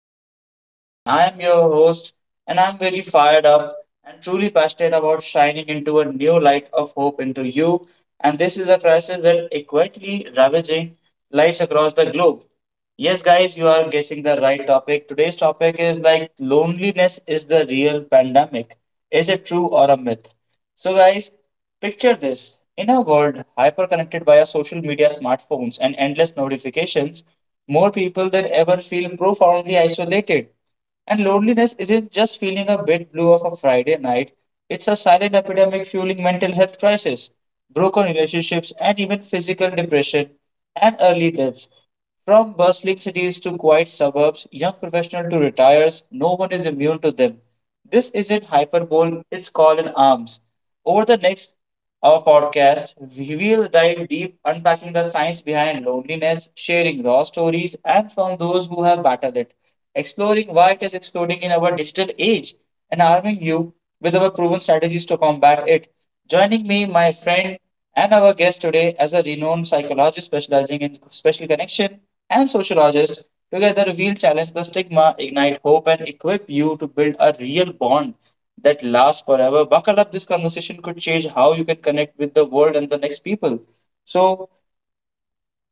Podcast. And I am your host, and I'm really fired up and truly passionate about shining into a new light of hope into you. And this is a crisis that is quietly ravaging lives across the globe. Yes, guys, you are guessing the right topic. Today's topic is like loneliness is the real pandemic. Is it true or a myth? So, guys, picture this. In a world hyperconnected by our social media, smartphones, and endless notifications, more people than ever feel profoundly isolated. And loneliness isn't just feeling a bit blue of a Friday night, it's a silent epidemic fueling mental health crisis, broken relationships, and even physical depression and early deaths. From bustling cities to quiet suburbs, young professionals to retires, no one is immune to them. This isn't hyperbole, it's called in arms. Over the next our podcast, we will dive deep unpacking the science behind loneliness, sharing raw stories, and from those who have battled it exploring why it is exploding in our digital age and arming you with our proven strategies to combat it. Joining me, my friend and our guest today, as a renowned psychologist specializing in special connection and sociologist, together we'll challenge the stigma, ignite hope, and equip you to build a real bond that lasts forever. Buckle up, this conversation could change how you can connect with the world and the next people. So,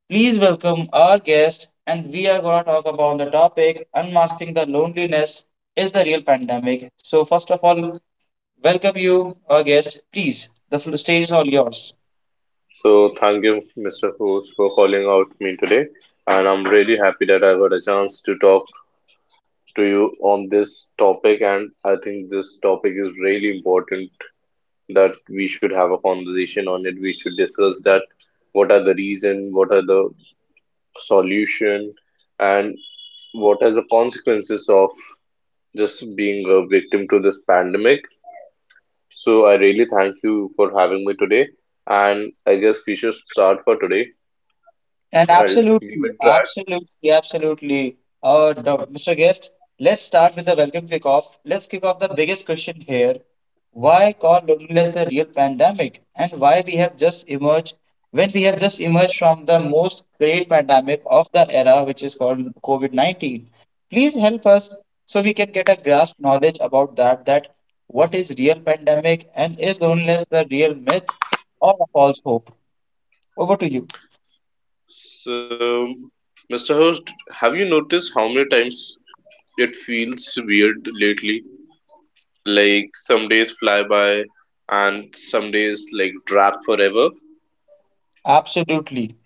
please welcome our guest, and we are going to talk about the topic unmasking the loneliness is the real pandemic. So, first of all, welcome you, our guest. Please, the stage is all yours. So thank you, Mr. Host, for calling out me today, and I'm really happy that I got a chance to talk to you on this topic. And I think this topic is really important that we should have a conversation on it. We should discuss that what are the reason, what are the solution, and what are the consequences of just being a victim to this pandemic. So I really thank you for having me today, and I guess we should start for today. And I'll we absolutely, will try absolutely, absolutely. Dr. Mr. Guest, let's start with the welcome kick off. Let's kick off the biggest question here. Why call loneliness the real pandemic? And why we have just emerged, when we have just emerged from the most great pandemic of the era, which is called COVID-19? Please help us so we can get a grasp knowledge about that, that what is real pandemic and is loneliness the real myth or a false hope? Over to you. So, Mr. Host, have you noticed how many times it feels weird lately? Like some days fly by and some days like drag forever. Absolutely.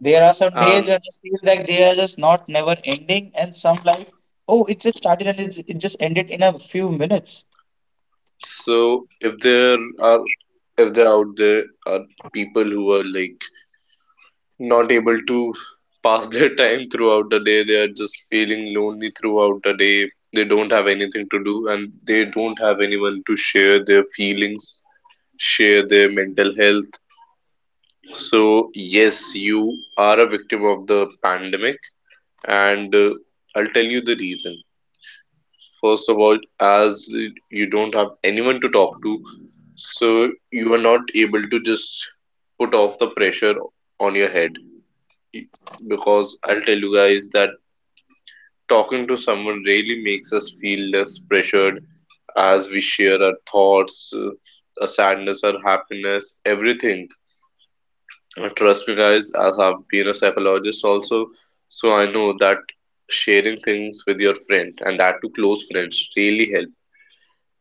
There are some days And when I feel like they are just not never ending, and some like, oh, it just started and it just ended in a few minutes. so if there are if there out there are people who are like not able to pass their time throughout the day, they are just feeling lonely throughout the day. They don't have anything to do and they don't have anyone to share their feelings, share their mental health. So, yes, you are a victim of the pandemic, and I'll tell you the reason. First of all, as you don't have anyone to talk to, so you are not able to just put off the pressure on your head. Y- Because I'll tell you guys that talking to someone really makes us feel less pressured as we share our thoughts, our sadness, our happiness, everything. Trust me, guys, as I've been a psychologist also, so I know that sharing things with your friend and that to close friends really help.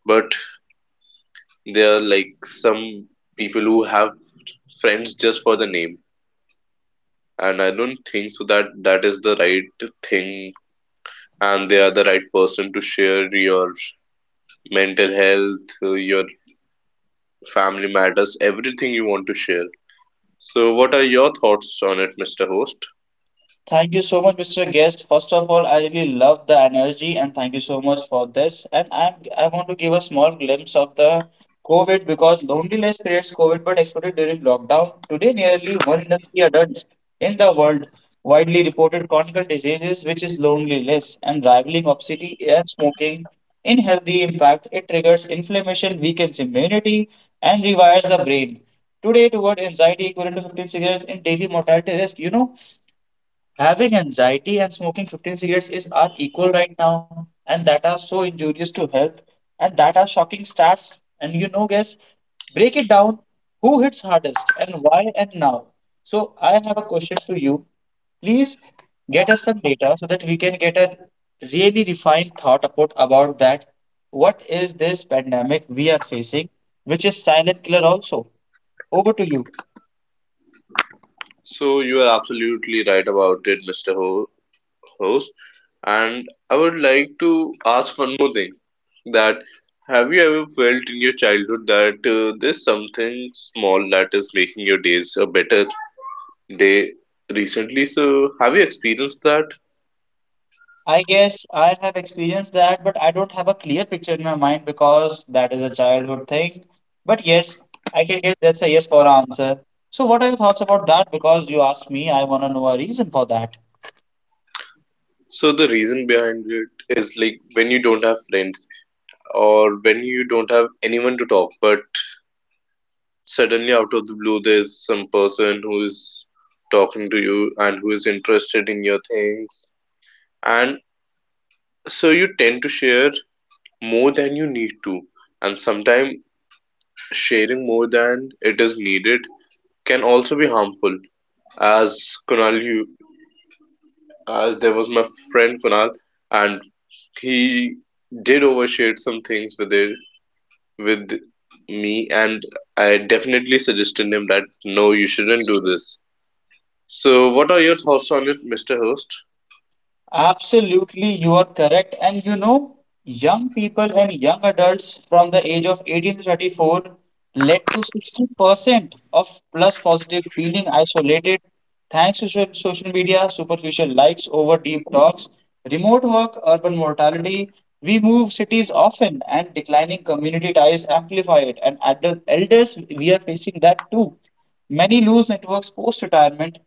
But there are like some people who have friends just for the name, and I don't think so that that is the right thing, and they are the right person to share your mental health, your family matters, everything you want to share. So, what are your thoughts on it, Mr. Host? Thank you so much, Mr. Guest. First of all, I really love the energy and thank you so much for this. And I want to give a small glimpse of the COVID because loneliness creates COVID but exploded during lockdown. Today, nearly one in three adults in the world widely reported chronic diseases, which is loneliness and rivaling obesity and smoking. In healthy impact, it triggers inflammation, weakens immunity, and rewires the brain. Today, toward anxiety equivalent to 15 cigarettes in daily mortality risk, you know, having anxiety and smoking 15 cigarettes is are equal right now, and that are so injurious to health, and that are shocking stats. And you know, guys, break it down. Who hits hardest and why and now? So I have a question to you. Please get us some data so that we can get a really refined thought about that. What is this pandemic we are facing, which is silent killer also? Over to you. So you are absolutely right about it, Mr. Ho. host. And I would like to ask one more thing that have you ever felt in your childhood that there's something small that is making your days a better day recently? So, have you experienced that? I guess I have experienced that, but I don't have a clear picture in my mind because that is a childhood thing. But yes, I can guess that's a yes for answer. So, what are your thoughts about that? Because you asked me, I want to know a reason for that. So, the reason behind it is like when you don't have friends or when you don't have anyone to talk, but suddenly out of the blue, there's some person who is talking to you and who is interested in your things. And so you tend to share more than you need to, and sometimes sharing more than it is needed can also be harmful. As Kunal, you, as there was my friend Kunal, and he did overshare some things with me, and I definitely suggested him that no, you shouldn't do this. So, what are your thoughts on it, Mr. Host? Absolutely, you are correct. And you know, young people and young adults from the age of 18 to 34 led to 60% of plus positive feeling isolated thanks to social media, superficial likes over deep talks, remote work, urban mortality, we move cities often, and declining community ties amplify it. And at the elders, we are facing that too. Many lose networks post retirement,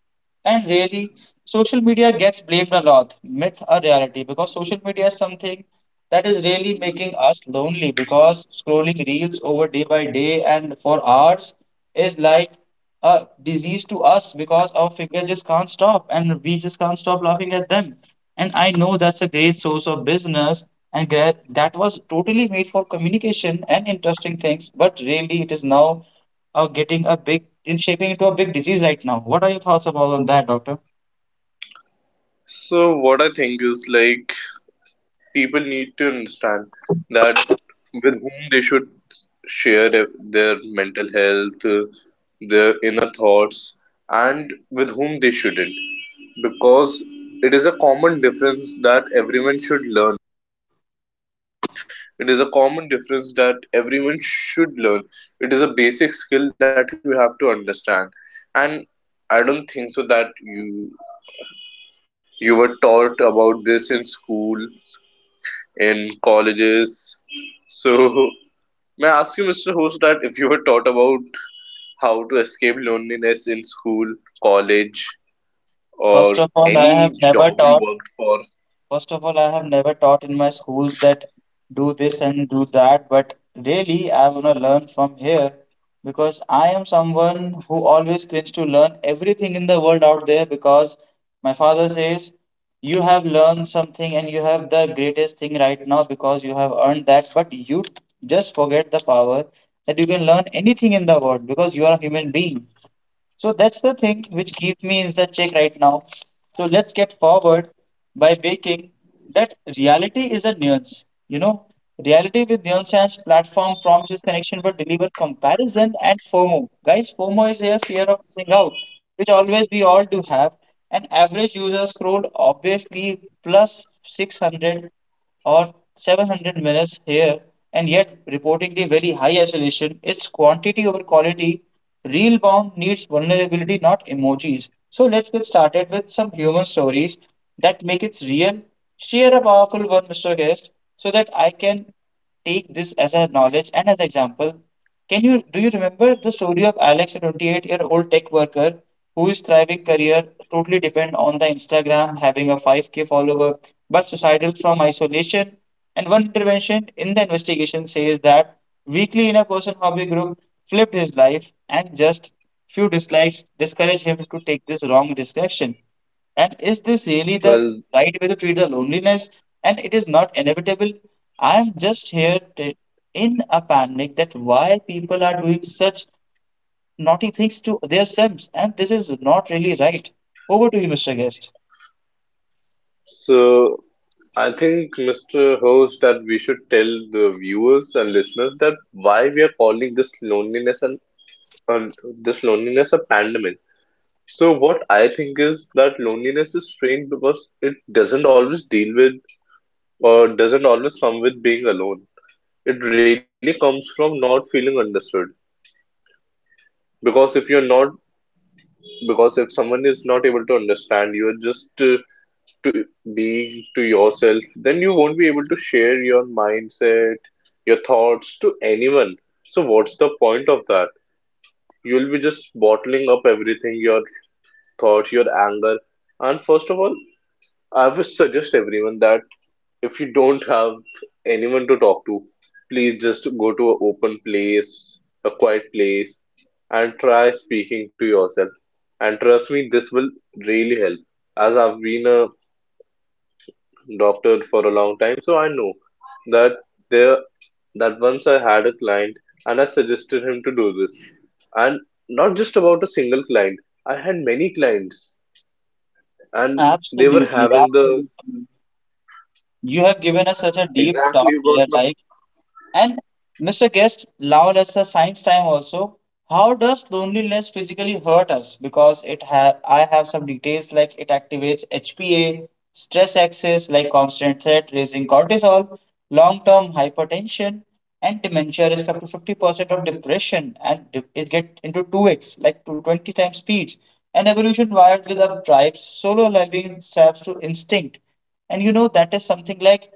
and really, social media gets blamed a lot, myth or reality, because social media is something that is really making us lonely. Because scrolling reels over day by day and for hours is like a disease to us because our figure just can't stop and we just can't stop laughing at them. And I know that's a great source of business and that was totally made for communication and interesting things, but really it is now getting a big in shaping into a big disease right now. What are your thoughts about on that, doctor? So, what I think is like people need to understand that with whom they should share their mental health, their inner thoughts, and with whom they shouldn't. Because it is a common difference that everyone should learn. It is a common difference that everyone should learn. It is a basic skill that you have to understand. And I don't think so that you were taught about this in school, in colleges. So may I ask you, Mr. Host, that if you were taught about how to escape loneliness in school, college, First or of all, I any have job never you taught worked for? First of all, I have never taught in my schools that do this and do that, but really I want to learn from here because I am someone who always craves to learn everything in the world out there because my father says you have learned something and you have the greatest thing right now because you have earned that, but you just forget the power that you can learn anything in the world because you are a human being. So that's the thing which keep me in the check right now. So let's get forward by making that reality is a nuance. You know, reality with nuance and platform promises connection but deliver comparison and FOMO. Guys, FOMO is a fear of missing out, which always we all do have. An average user scrolled obviously plus 600 or 700 minutes here and yet reportedly very high isolation. It's quantity over quality. Real bound needs vulnerability, not emojis. So let's get started with some human stories that make it real. Share a powerful one, Mr. Guest, so that I can take this as a knowledge and as an example. Can you do you remember the story of Alex, a 28-year-old tech worker who is thriving career totally depend on the Instagram, having a 5k follower, but suicidal from isolation? And one intervention in the investigation says that weekly in a person hobby group flipped his life, and just few dislikes discourage him to take this wrong direction. And is this really the Well, right way to treat the loneliness? And it is not inevitable. I am just here t- In a panic that why people are doing such naughty things to their selves, and this is not really right. Over to you, Mr. Guest. so I think, Mr. Host, that we should tell the viewers and listeners that why we are calling this loneliness and this loneliness a pandemic. So what I think is that loneliness is strange because it doesn't always deal with or doesn't always come with being alone. It really comes from not feeling understood. because if you're not because if someone is not able to understand you're just to being to yourself, then you won't be able to share your mindset, your thoughts to anyone. So what's the point of that? You'll be just bottling up everything, your thoughts, your anger. And first of all, I would suggest everyone that if you don't have anyone to talk to, please just go to an open place, a quiet place, and try speaking to yourself. And trust me, this will really help. As I've been a doctor for a long time, so I know that there that once I had a client and I suggested him to do this. And not just about a single client. I had many clients and they were Absolutely, having the absolutely. You have given us such a deep exactly talk what. here, like, and Mr. Guest, now let's a science time also. How does loneliness physically hurt us? I have some details like it activates HPA, stress axis like constant threat, raising cortisol, long-term hypertension, and dementia risk up to 50% of depression, it get into 2x like to 20 times speeds. And evolution wired with our tribes, solo living serves to instinct, and you know that is something like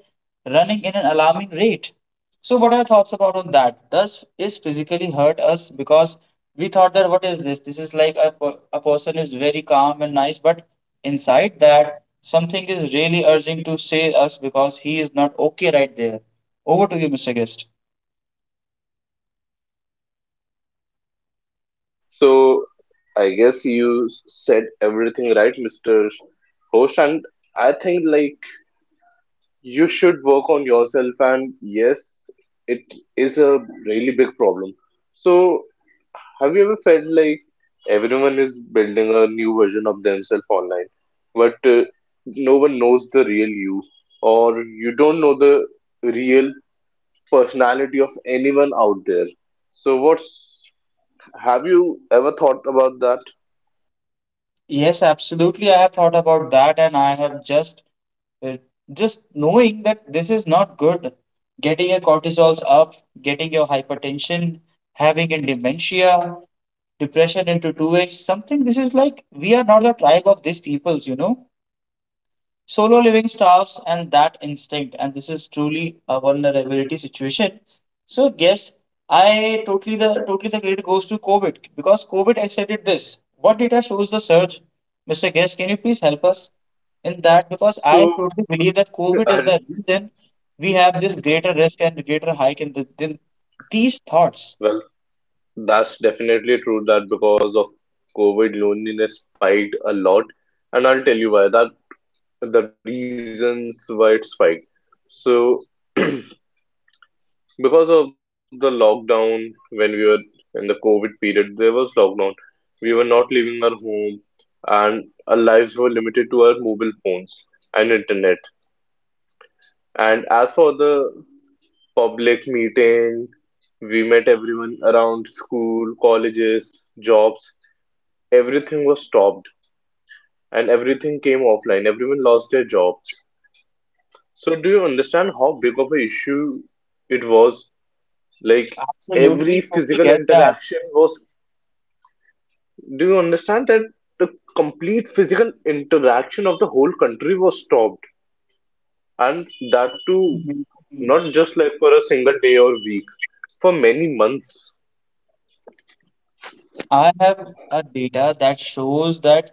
running in an alarming rate. So, what are your thoughts about on that? Does is physically hurt us because we thought that what is this? This is like a, per- A person is very calm and nice, but inside that something is really urging to say us because he is not okay right there. Over to you, Mr. Guest. So I guess said everything right, Mr. Host, and I think like you should work on yourself and yes, it is a really big problem. So have you ever felt like everyone is building a new version of themselves online, but no one knows the real you or you don't know the real personality of anyone out there. So what's have you ever thought about that? Yes, absolutely. I have thought about that, and I have uh, just knowing that this is not good. Getting your cortisols up, getting your hypertension, having a dementia, depression into 2x something this is like we are not the tribe of these peoples you know. Solo living starves and that instinct, and this is truly a vulnerability situation. So yes, I totally the credit goes to COVID because COVID extended this. What data shows the surge? Mr. Guest, can you please help us in that? Because I So totally believe that COVID is And the reason we have this greater risk and greater hike in the, in these thoughts. Well, that's definitely true that because of COVID, loneliness spiked a lot. And I'll tell you why that the reasons why it spiked. So, because of the lockdown, when we were in the COVID period, there was lockdown. We were not leaving our home, and our lives were limited to our mobile phones and internet. And as for the public meeting, we met everyone around school, colleges, jobs. Everything was stopped and everything came offline. Everyone lost their jobs. So do you understand how big of an issue it was? Like every Absolutely, totally physical get that. interaction was. Do you understand that the complete physical interaction of the whole country was stopped, and that too not just like for a single day or week, for many months? I have a data that shows that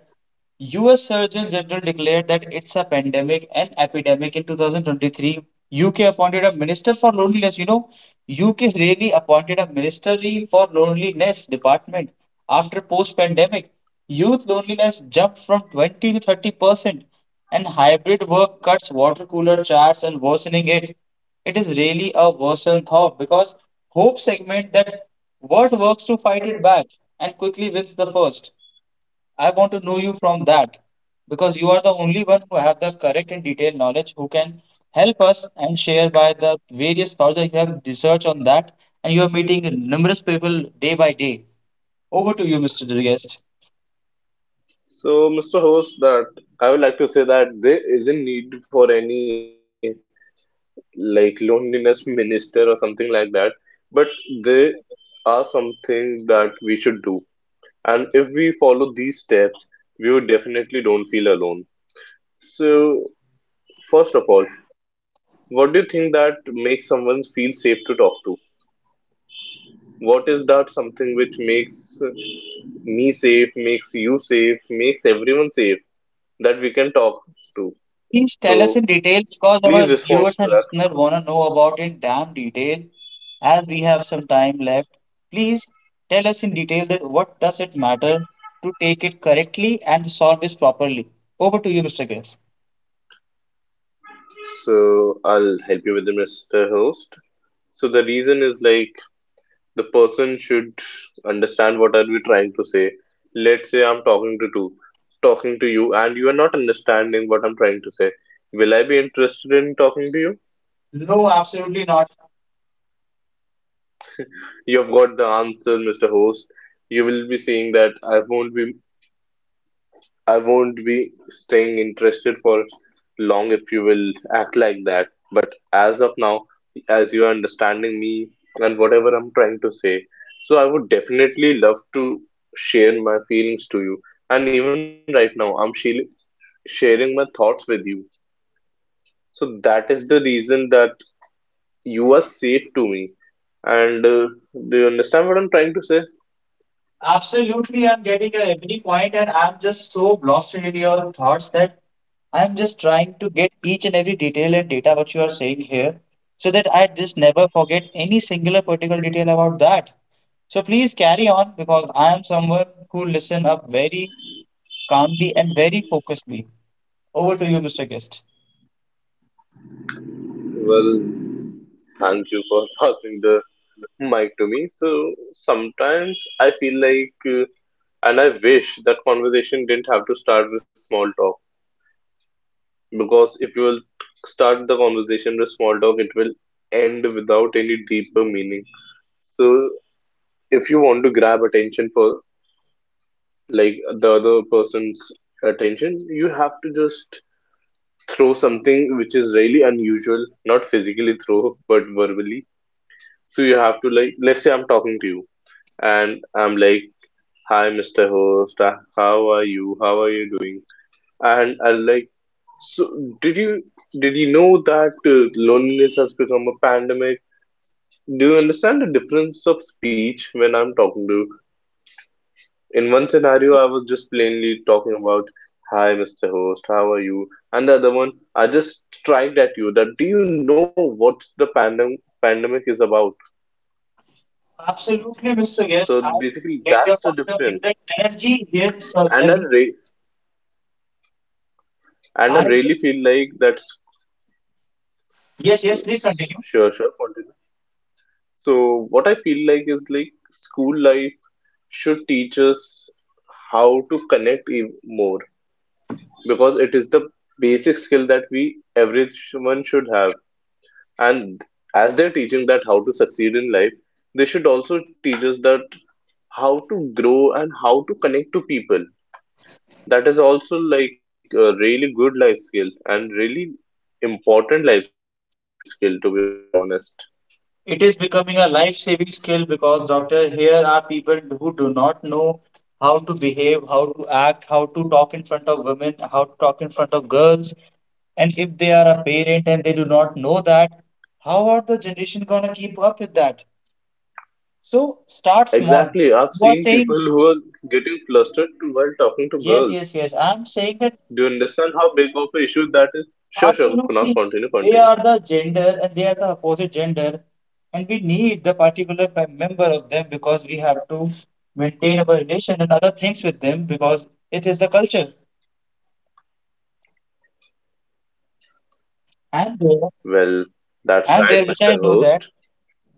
US Surgeon General declared that it's a pandemic and epidemic in 2023. UK appointed a minister for loneliness. You know, UK really appointed a ministry for loneliness department after post-pandemic. Youth loneliness jumped from 20 to 30%, and hybrid work cuts water cooler charts and worsening it. It is really a worsened thought because hope segment that what works to fight it back and quickly wins the first. I want to know you from that because you are the only one who have the correct and detailed knowledge who can help us and share by the various thoughts that you have researched on that and you are meeting numerous people day by day. Over to you, Mr. Guest. So Mr. Host, that I would like to say that there isn't need for any like loneliness minister or something like that, but they are something that we should do, and if we follow these steps, we would definitely don't feel alone. So first of all, what do you think that makes someone feel safe to talk to? What is that something which makes me safe, makes you safe, makes everyone safe that we can talk to? Please So tell us in detail because our please respond viewers to and that. listeners want to know about in damn detail as we have some time left. Please tell us in detail that what does it matter to take it correctly and solve this properly. Over to you, Mr. Guest. So I'll help you with the Mr. Host. So the reason is like the person should understand what are we trying to say. Let's say I'm talking to you, and you are not understanding what I'm trying to say. Will I be interested in talking to you? No, absolutely not. You've got the answer, Mr. Host. You will be saying that I won't be staying interested for long if you will act like that. But as of now, as you are understanding me and whatever I'm trying to say, so I would definitely love to share my feelings to you. And even right now, sharing my thoughts with you. So that is the reason that you are safe to me. And do you understand what I'm trying to say? Absolutely, I'm getting every point, and I'm just so lost in your thoughts that I'm just trying to get each and every detail and data what you are saying here so that I just never forget any singular particular detail about that. So please carry on because I am someone who listen up very calmly and very focusedly. Over to you, Mr. Guest. Well, thank you for passing the mic to me. So sometimes I feel like. And I wish that conversation didn't have to start with small talk. Because if you will start the conversation with small talk, it will end without any deeper meaning. So if you want to grab attention for like the other person's attention, you have to just throw something which is really unusual, not physically throw, but verbally. So you have to like, let's say I'm talking to you and I'm like, "Hi Mr. Host, how are you? How are you doing?" and I'll like, so, did you did you know that loneliness has become a pandemic? Do you understand the difference of speech when I'm talking to you? In one scenario, I was just plainly talking about, "Hi, Mr. Host, how are you?" And the other one, I just tried at you that, "Do you know what the pandemic is about?" Absolutely, Mr. Guest. So I basically, get that's your the point of difference. view. The energy here, sir. And I Every re- and I I, really feel like that's yes, yes. Please continue. sure, sure, continue. So what I feel like is like school life should teach us how to more because it is the basic skill that we everyone should have, and as they're teaching that how to succeed in life, they should also teach us that how to grow and how to connect to people. That is also like a really good life skill and really important life skill, to be honest. It is becoming a life-saving skill because doctor, here are people who do not know how to behave, how to act, how to talk in front of women, how to talk in front of girls. And if they are a parent and they do not know that, how are the generation gonna keep up with that? So start small. Exactly, I've You are seen saying people who are getting flustered while talking to yes, girls. yes, yes. I'm saying that Do you understand how big of an issue that is? Sure, sure, Kunal, absolutely. continue, They continue. are the gender and they are the opposite gender. And we need the particular member of them because we have to maintain our relation and other things with them because it is the culture. And there, Well, that's and right, there which I Mr. know that Host.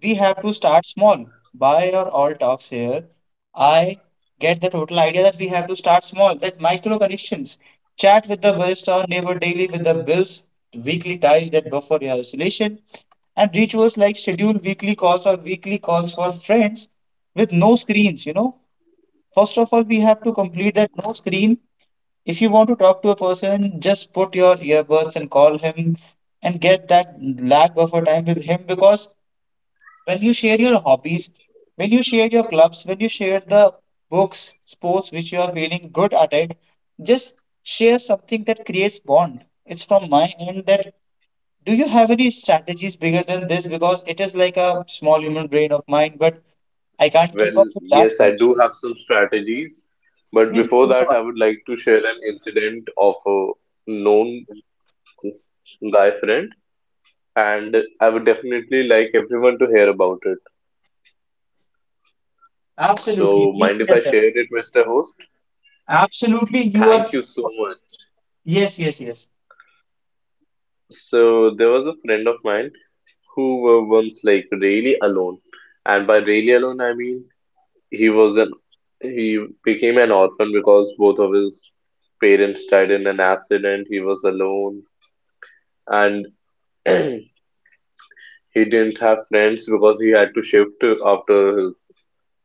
we have to start small. By our all talks here, I get the total idea that we have to start small, that micro connections. Chat with the barista or neighbor daily with the bills, weekly ties that buffer your isolation, and rituals like schedule weekly calls or weekly calls for friends with no screens. First of all, we have to complete that no screen. If you want to talk to a person, just put your earbuds and call him and get that lag buffer time with him because when you share your hobbies, when you share your clubs, when you share the books, sports which you are feeling good at it, just share something that creates bond. It's from my end that do you have any strategies bigger than this? Because it is like a small human brain of mine, but I can't keep up Well, with that yes, I much. do have some strategies, but Please before share that, I us. would like to share an incident of a known guy friend, and I would definitely like everyone to hear about it. Absolutely. So, Please mind if share I that. share it, Mr. Host? Absolutely. You are. Thank you so much. Yes, yes, yes. So, there was a friend of mine who were once like really alone, and by really alone, I mean He was an he became an orphan because both of his parents died in an accident. He was alone and he didn't have friends because he had to shift after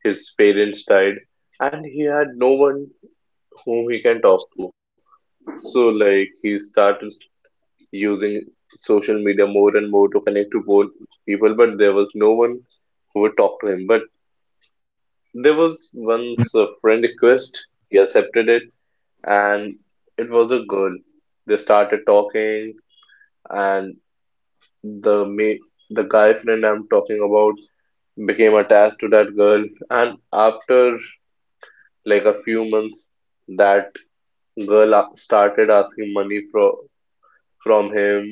his parents died and he had no one whom he can talk to. So like he started using social media more and more to connect to both people, but there was no one who would talk to him. But there was once a friend request, he accepted it, and it was a girl. They started talking, and the ma- the guy friend I'm talking about became attached to that girl. And after like a few months, that started asking money from him,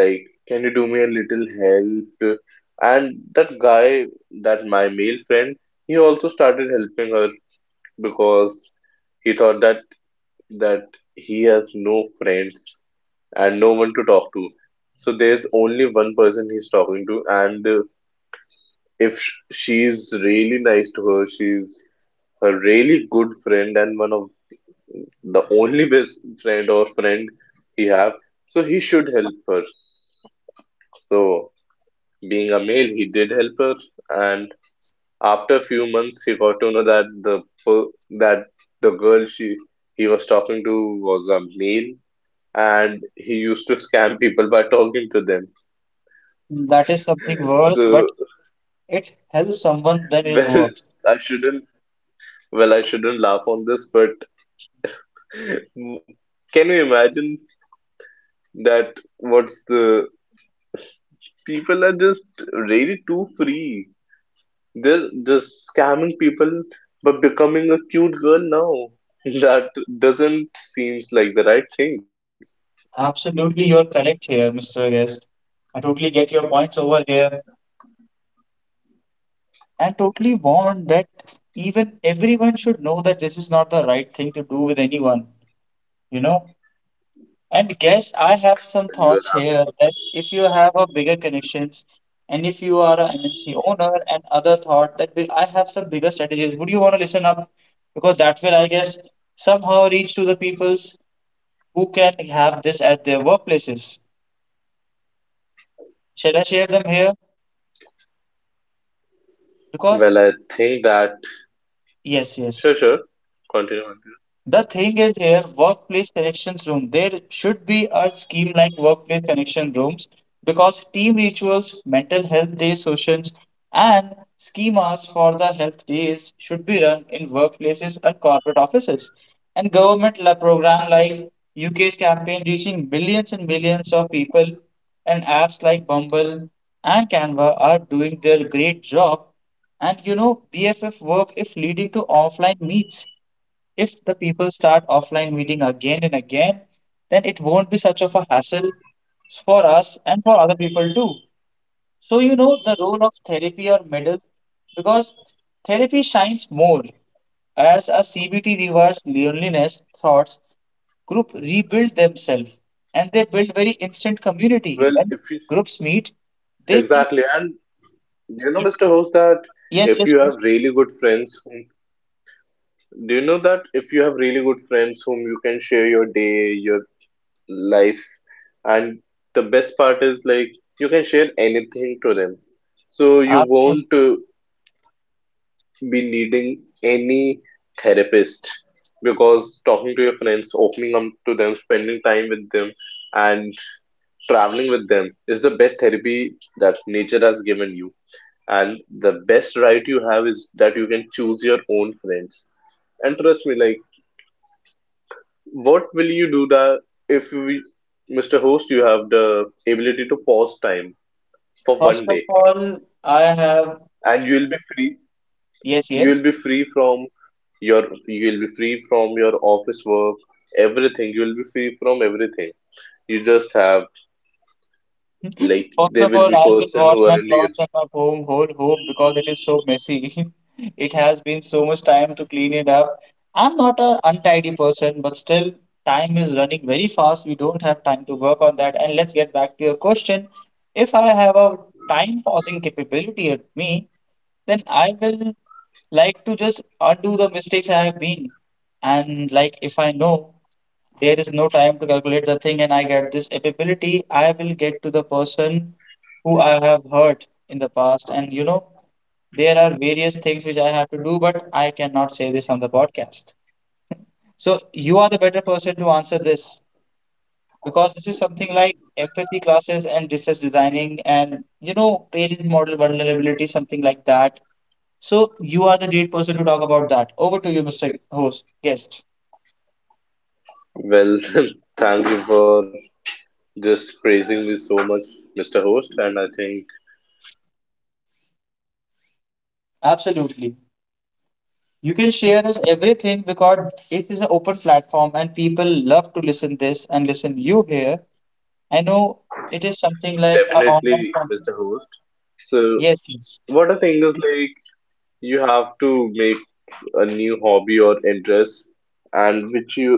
like, "Can you do me a little help?" And that guy, that my male friend, he also started helping her because he thought that that he has no friends and no one to talk to. So there's only one person he's talking to, and if she's really nice to her, she's a really good friend and one of the only best friend or friend he have. So he should help her. So being a male, he did help her, and after a few months, he got to know that that the girl she he was talking to was a male and he used to scam people by talking to them. That is something worse, but So, it helps someone, then it well, works. I shouldn't. Well, I shouldn't laugh on this, but can you imagine that? What's the People are just really too free. They're just scamming people, but becoming a cute girl now. That doesn't seems like the right thing. Absolutely, you're correct here, Mr. Guest. I totally get your points over here and totally warn that even everyone should know that this is not the right thing to do with anyone, you know. And guess I have some Well, you are thoughts here that if you have a bigger connections and if you are a MNC owner and other thought that we, I have some bigger strategies, would you want to listen up? Because that will, I guess, somehow reach to the peoples who can have this at their workplaces. Shall I share them here? absolutely- Well, I Because think that yes, sure, sure. yes. Continue. Continue. The thing is here, workplace connections room. There should be a scheme like workplace connection rooms because team rituals, mental health day sessions, and schemas for the health days should be run in workplaces and corporate offices. And government program like UK's campaign reaching millions and millions of people, and apps like Bumble and Canva are doing their great job. And you know, BFF work is leading to offline meets if the people start offline meeting again and again, then it won't be such of a hassle for us and for other people too. So you know the role of therapy or middle because therapy shines more as a CBT reverse loneliness thoughts group rebuild themselves and they build very instant Well, community. When if you groups meet, they feel exactly, and do you know, like, Mr. Host, that yes if yes you have please really good do you know that if you have really good friends whom you can share your day, your life, and the best part is like you can share anything to them. So you won't absolutely. Be needing any therapist, because talking to your friends, opening up to them, spending time with them, and traveling with them is the best therapy that nature has given you. And the best right you have is that you can choose your own friends, and trust me, like, what will you do that if we Mr. Host, you have the ability to pause time for First one of day all, I have and you will be free, yes you will yes. be free from you will be free from your office work, everything, you will be free from everything, you just have, like, First there of will all, be I will person wash who are my in your, clothes at my home whole home because it is so messy. It has been so much time to clean it up. I'm not an untidy person, but still, time is running very fast. We don't have time to work on that. And let's get back to your question. If I have a time pausing capability at me, then I will like to just undo the mistakes I have been. And like if I know there is no time to calculate the thing and I get this ability, I will get to the person who I have hurt in the past. And you know, there are various things which I have to do, but I cannot say this on the podcast. So you are the better person to answer this because this is something like empathy classes and distress designing and you know parent model vulnerability, something like that. So you are the great person to talk about that. Over to you, Mr. Host, guest. well, thank you for just praising me so much, Mr. Host, and I think Absolutely. You can share us everything because it is an open platform and people love to listen this and listen you here. I know it is something like a online definitely, form. Mr. Host. So, Yes, yes. what I think is like you have to make a new hobby or interest, and which you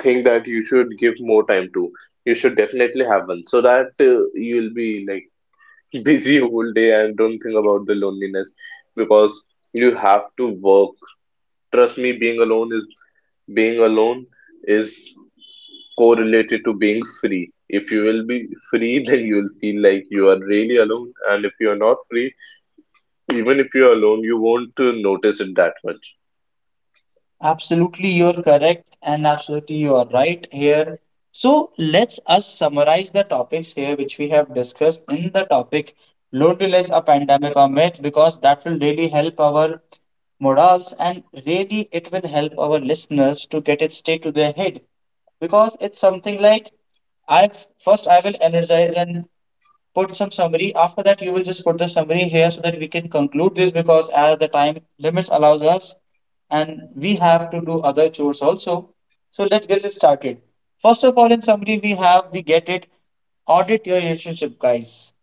think that you should give more time to. You should definitely have one so that you'll be like busy whole day and don't think about the loneliness because you have to work. Trust me, being alone is correlated to being free. If you will be free, then you will feel like you are really alone, and if you are not free, even if you're alone, you won't notice it that much. Absolutely, you're correct, and absolutely, you are right here. So, let's us summarize the topics here which we have discussed in the topic loneliness, a pandemic or myth, because that will really help our morals and really it will help our listeners to get it straight to their head because it's something like I first I will energize and put some summary. After that, you will just put the summary here so that we can conclude this because as the time limits allows us, and we have to do other chores also. So let's get it started. First of all, in summary, we get it audit your relationship, guys.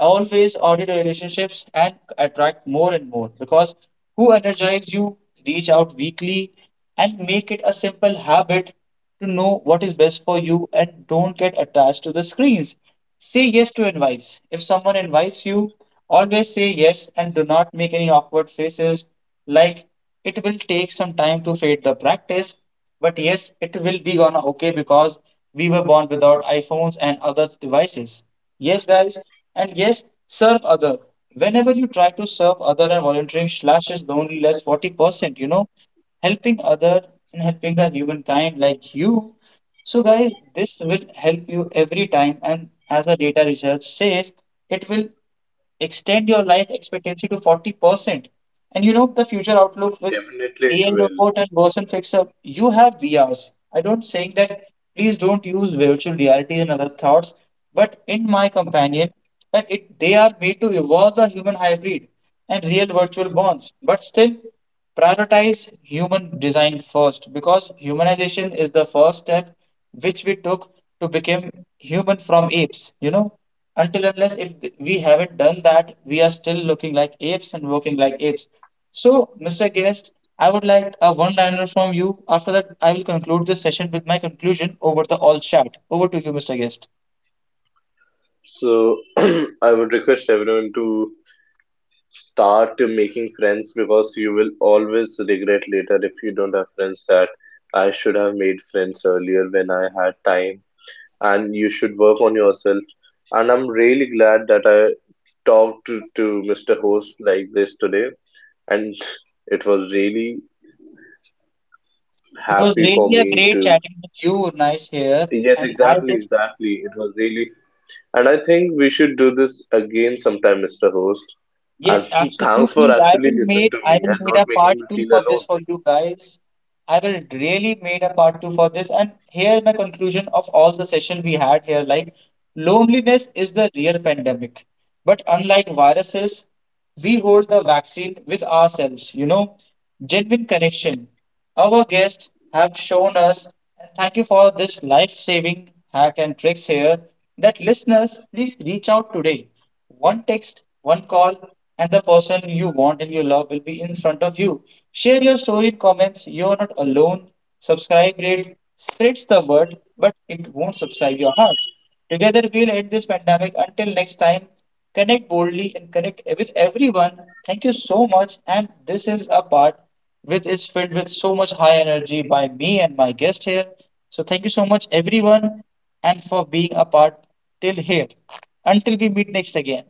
Always audit your relationships and attract more and more because who energizes you, reach out weekly and make it a simple habit to know what is best for you and don't get attached to the screens. Say yes to invites. If someone invites you, always say yes and do not make any awkward faces like it will take some time to fade the practice, but yes, it will be gonna okay because we were born without iPhones and other devices. Yes, guys, and yes, serve other. Whenever you try to serve other and volunteering slashes the only less 40%, you know, helping other and helping the humankind like you. So guys, this will help you every time and as a data research says, it will extend your life expectancy to 40%. And you know the future outlook with Definitely it AI will. robot and Boson Fixer, you have VRs. I don't saying that please don't use virtual reality and other thoughts, but in my companion that it they are made to evolve the human hybrid and real virtual bonds. But still, prioritize human design first because humanization is the first step which we took to become human from apes. You know, until unless if we haven't done that, we are still looking like apes and working like apes. So, Mr. Guest, I would like a one liner from you. After that, I will conclude this session with my conclusion over the all chat. Over to you, Mr. Guest. So I would request everyone to start making friends, because you will always regret later if you don't have friends that I should have made friends earlier when I had time. And you should work on yourself. And I'm really glad that I to Mr. Host like this today. And it was really It was happy for really a me great to. chatting with you, nice here. Yes, And I exactly, just exactly. It was really. And I think we should do this again sometime, Mr. Host. And yes, thanks for absolutely. I actually will listening made to I me will and made not a making part me two feel for this alone. for you guys. I will really made a part two for this. And here is my conclusion of all the session we had here. Like loneliness is the real pandemic. But unlike viruses, we hold the vaccine with ourselves, you know, genuine connection. Our guests have shown us, and thank you for this life-saving hack and tricks here, that listeners, please reach out today. One text, one call, and the person you want and you love will be in front of you. Share your story in comments. You're not alone. Subscribe, rate, spreads the word, but it won't subscribe your hearts. Together we'll end this pandemic. Until next time, connect boldly and connect with everyone. Thank you so much. And this is a part which is filled with so much high energy by me and my guest here. So thank you so much, everyone and for being a part till here. Until we meet next again.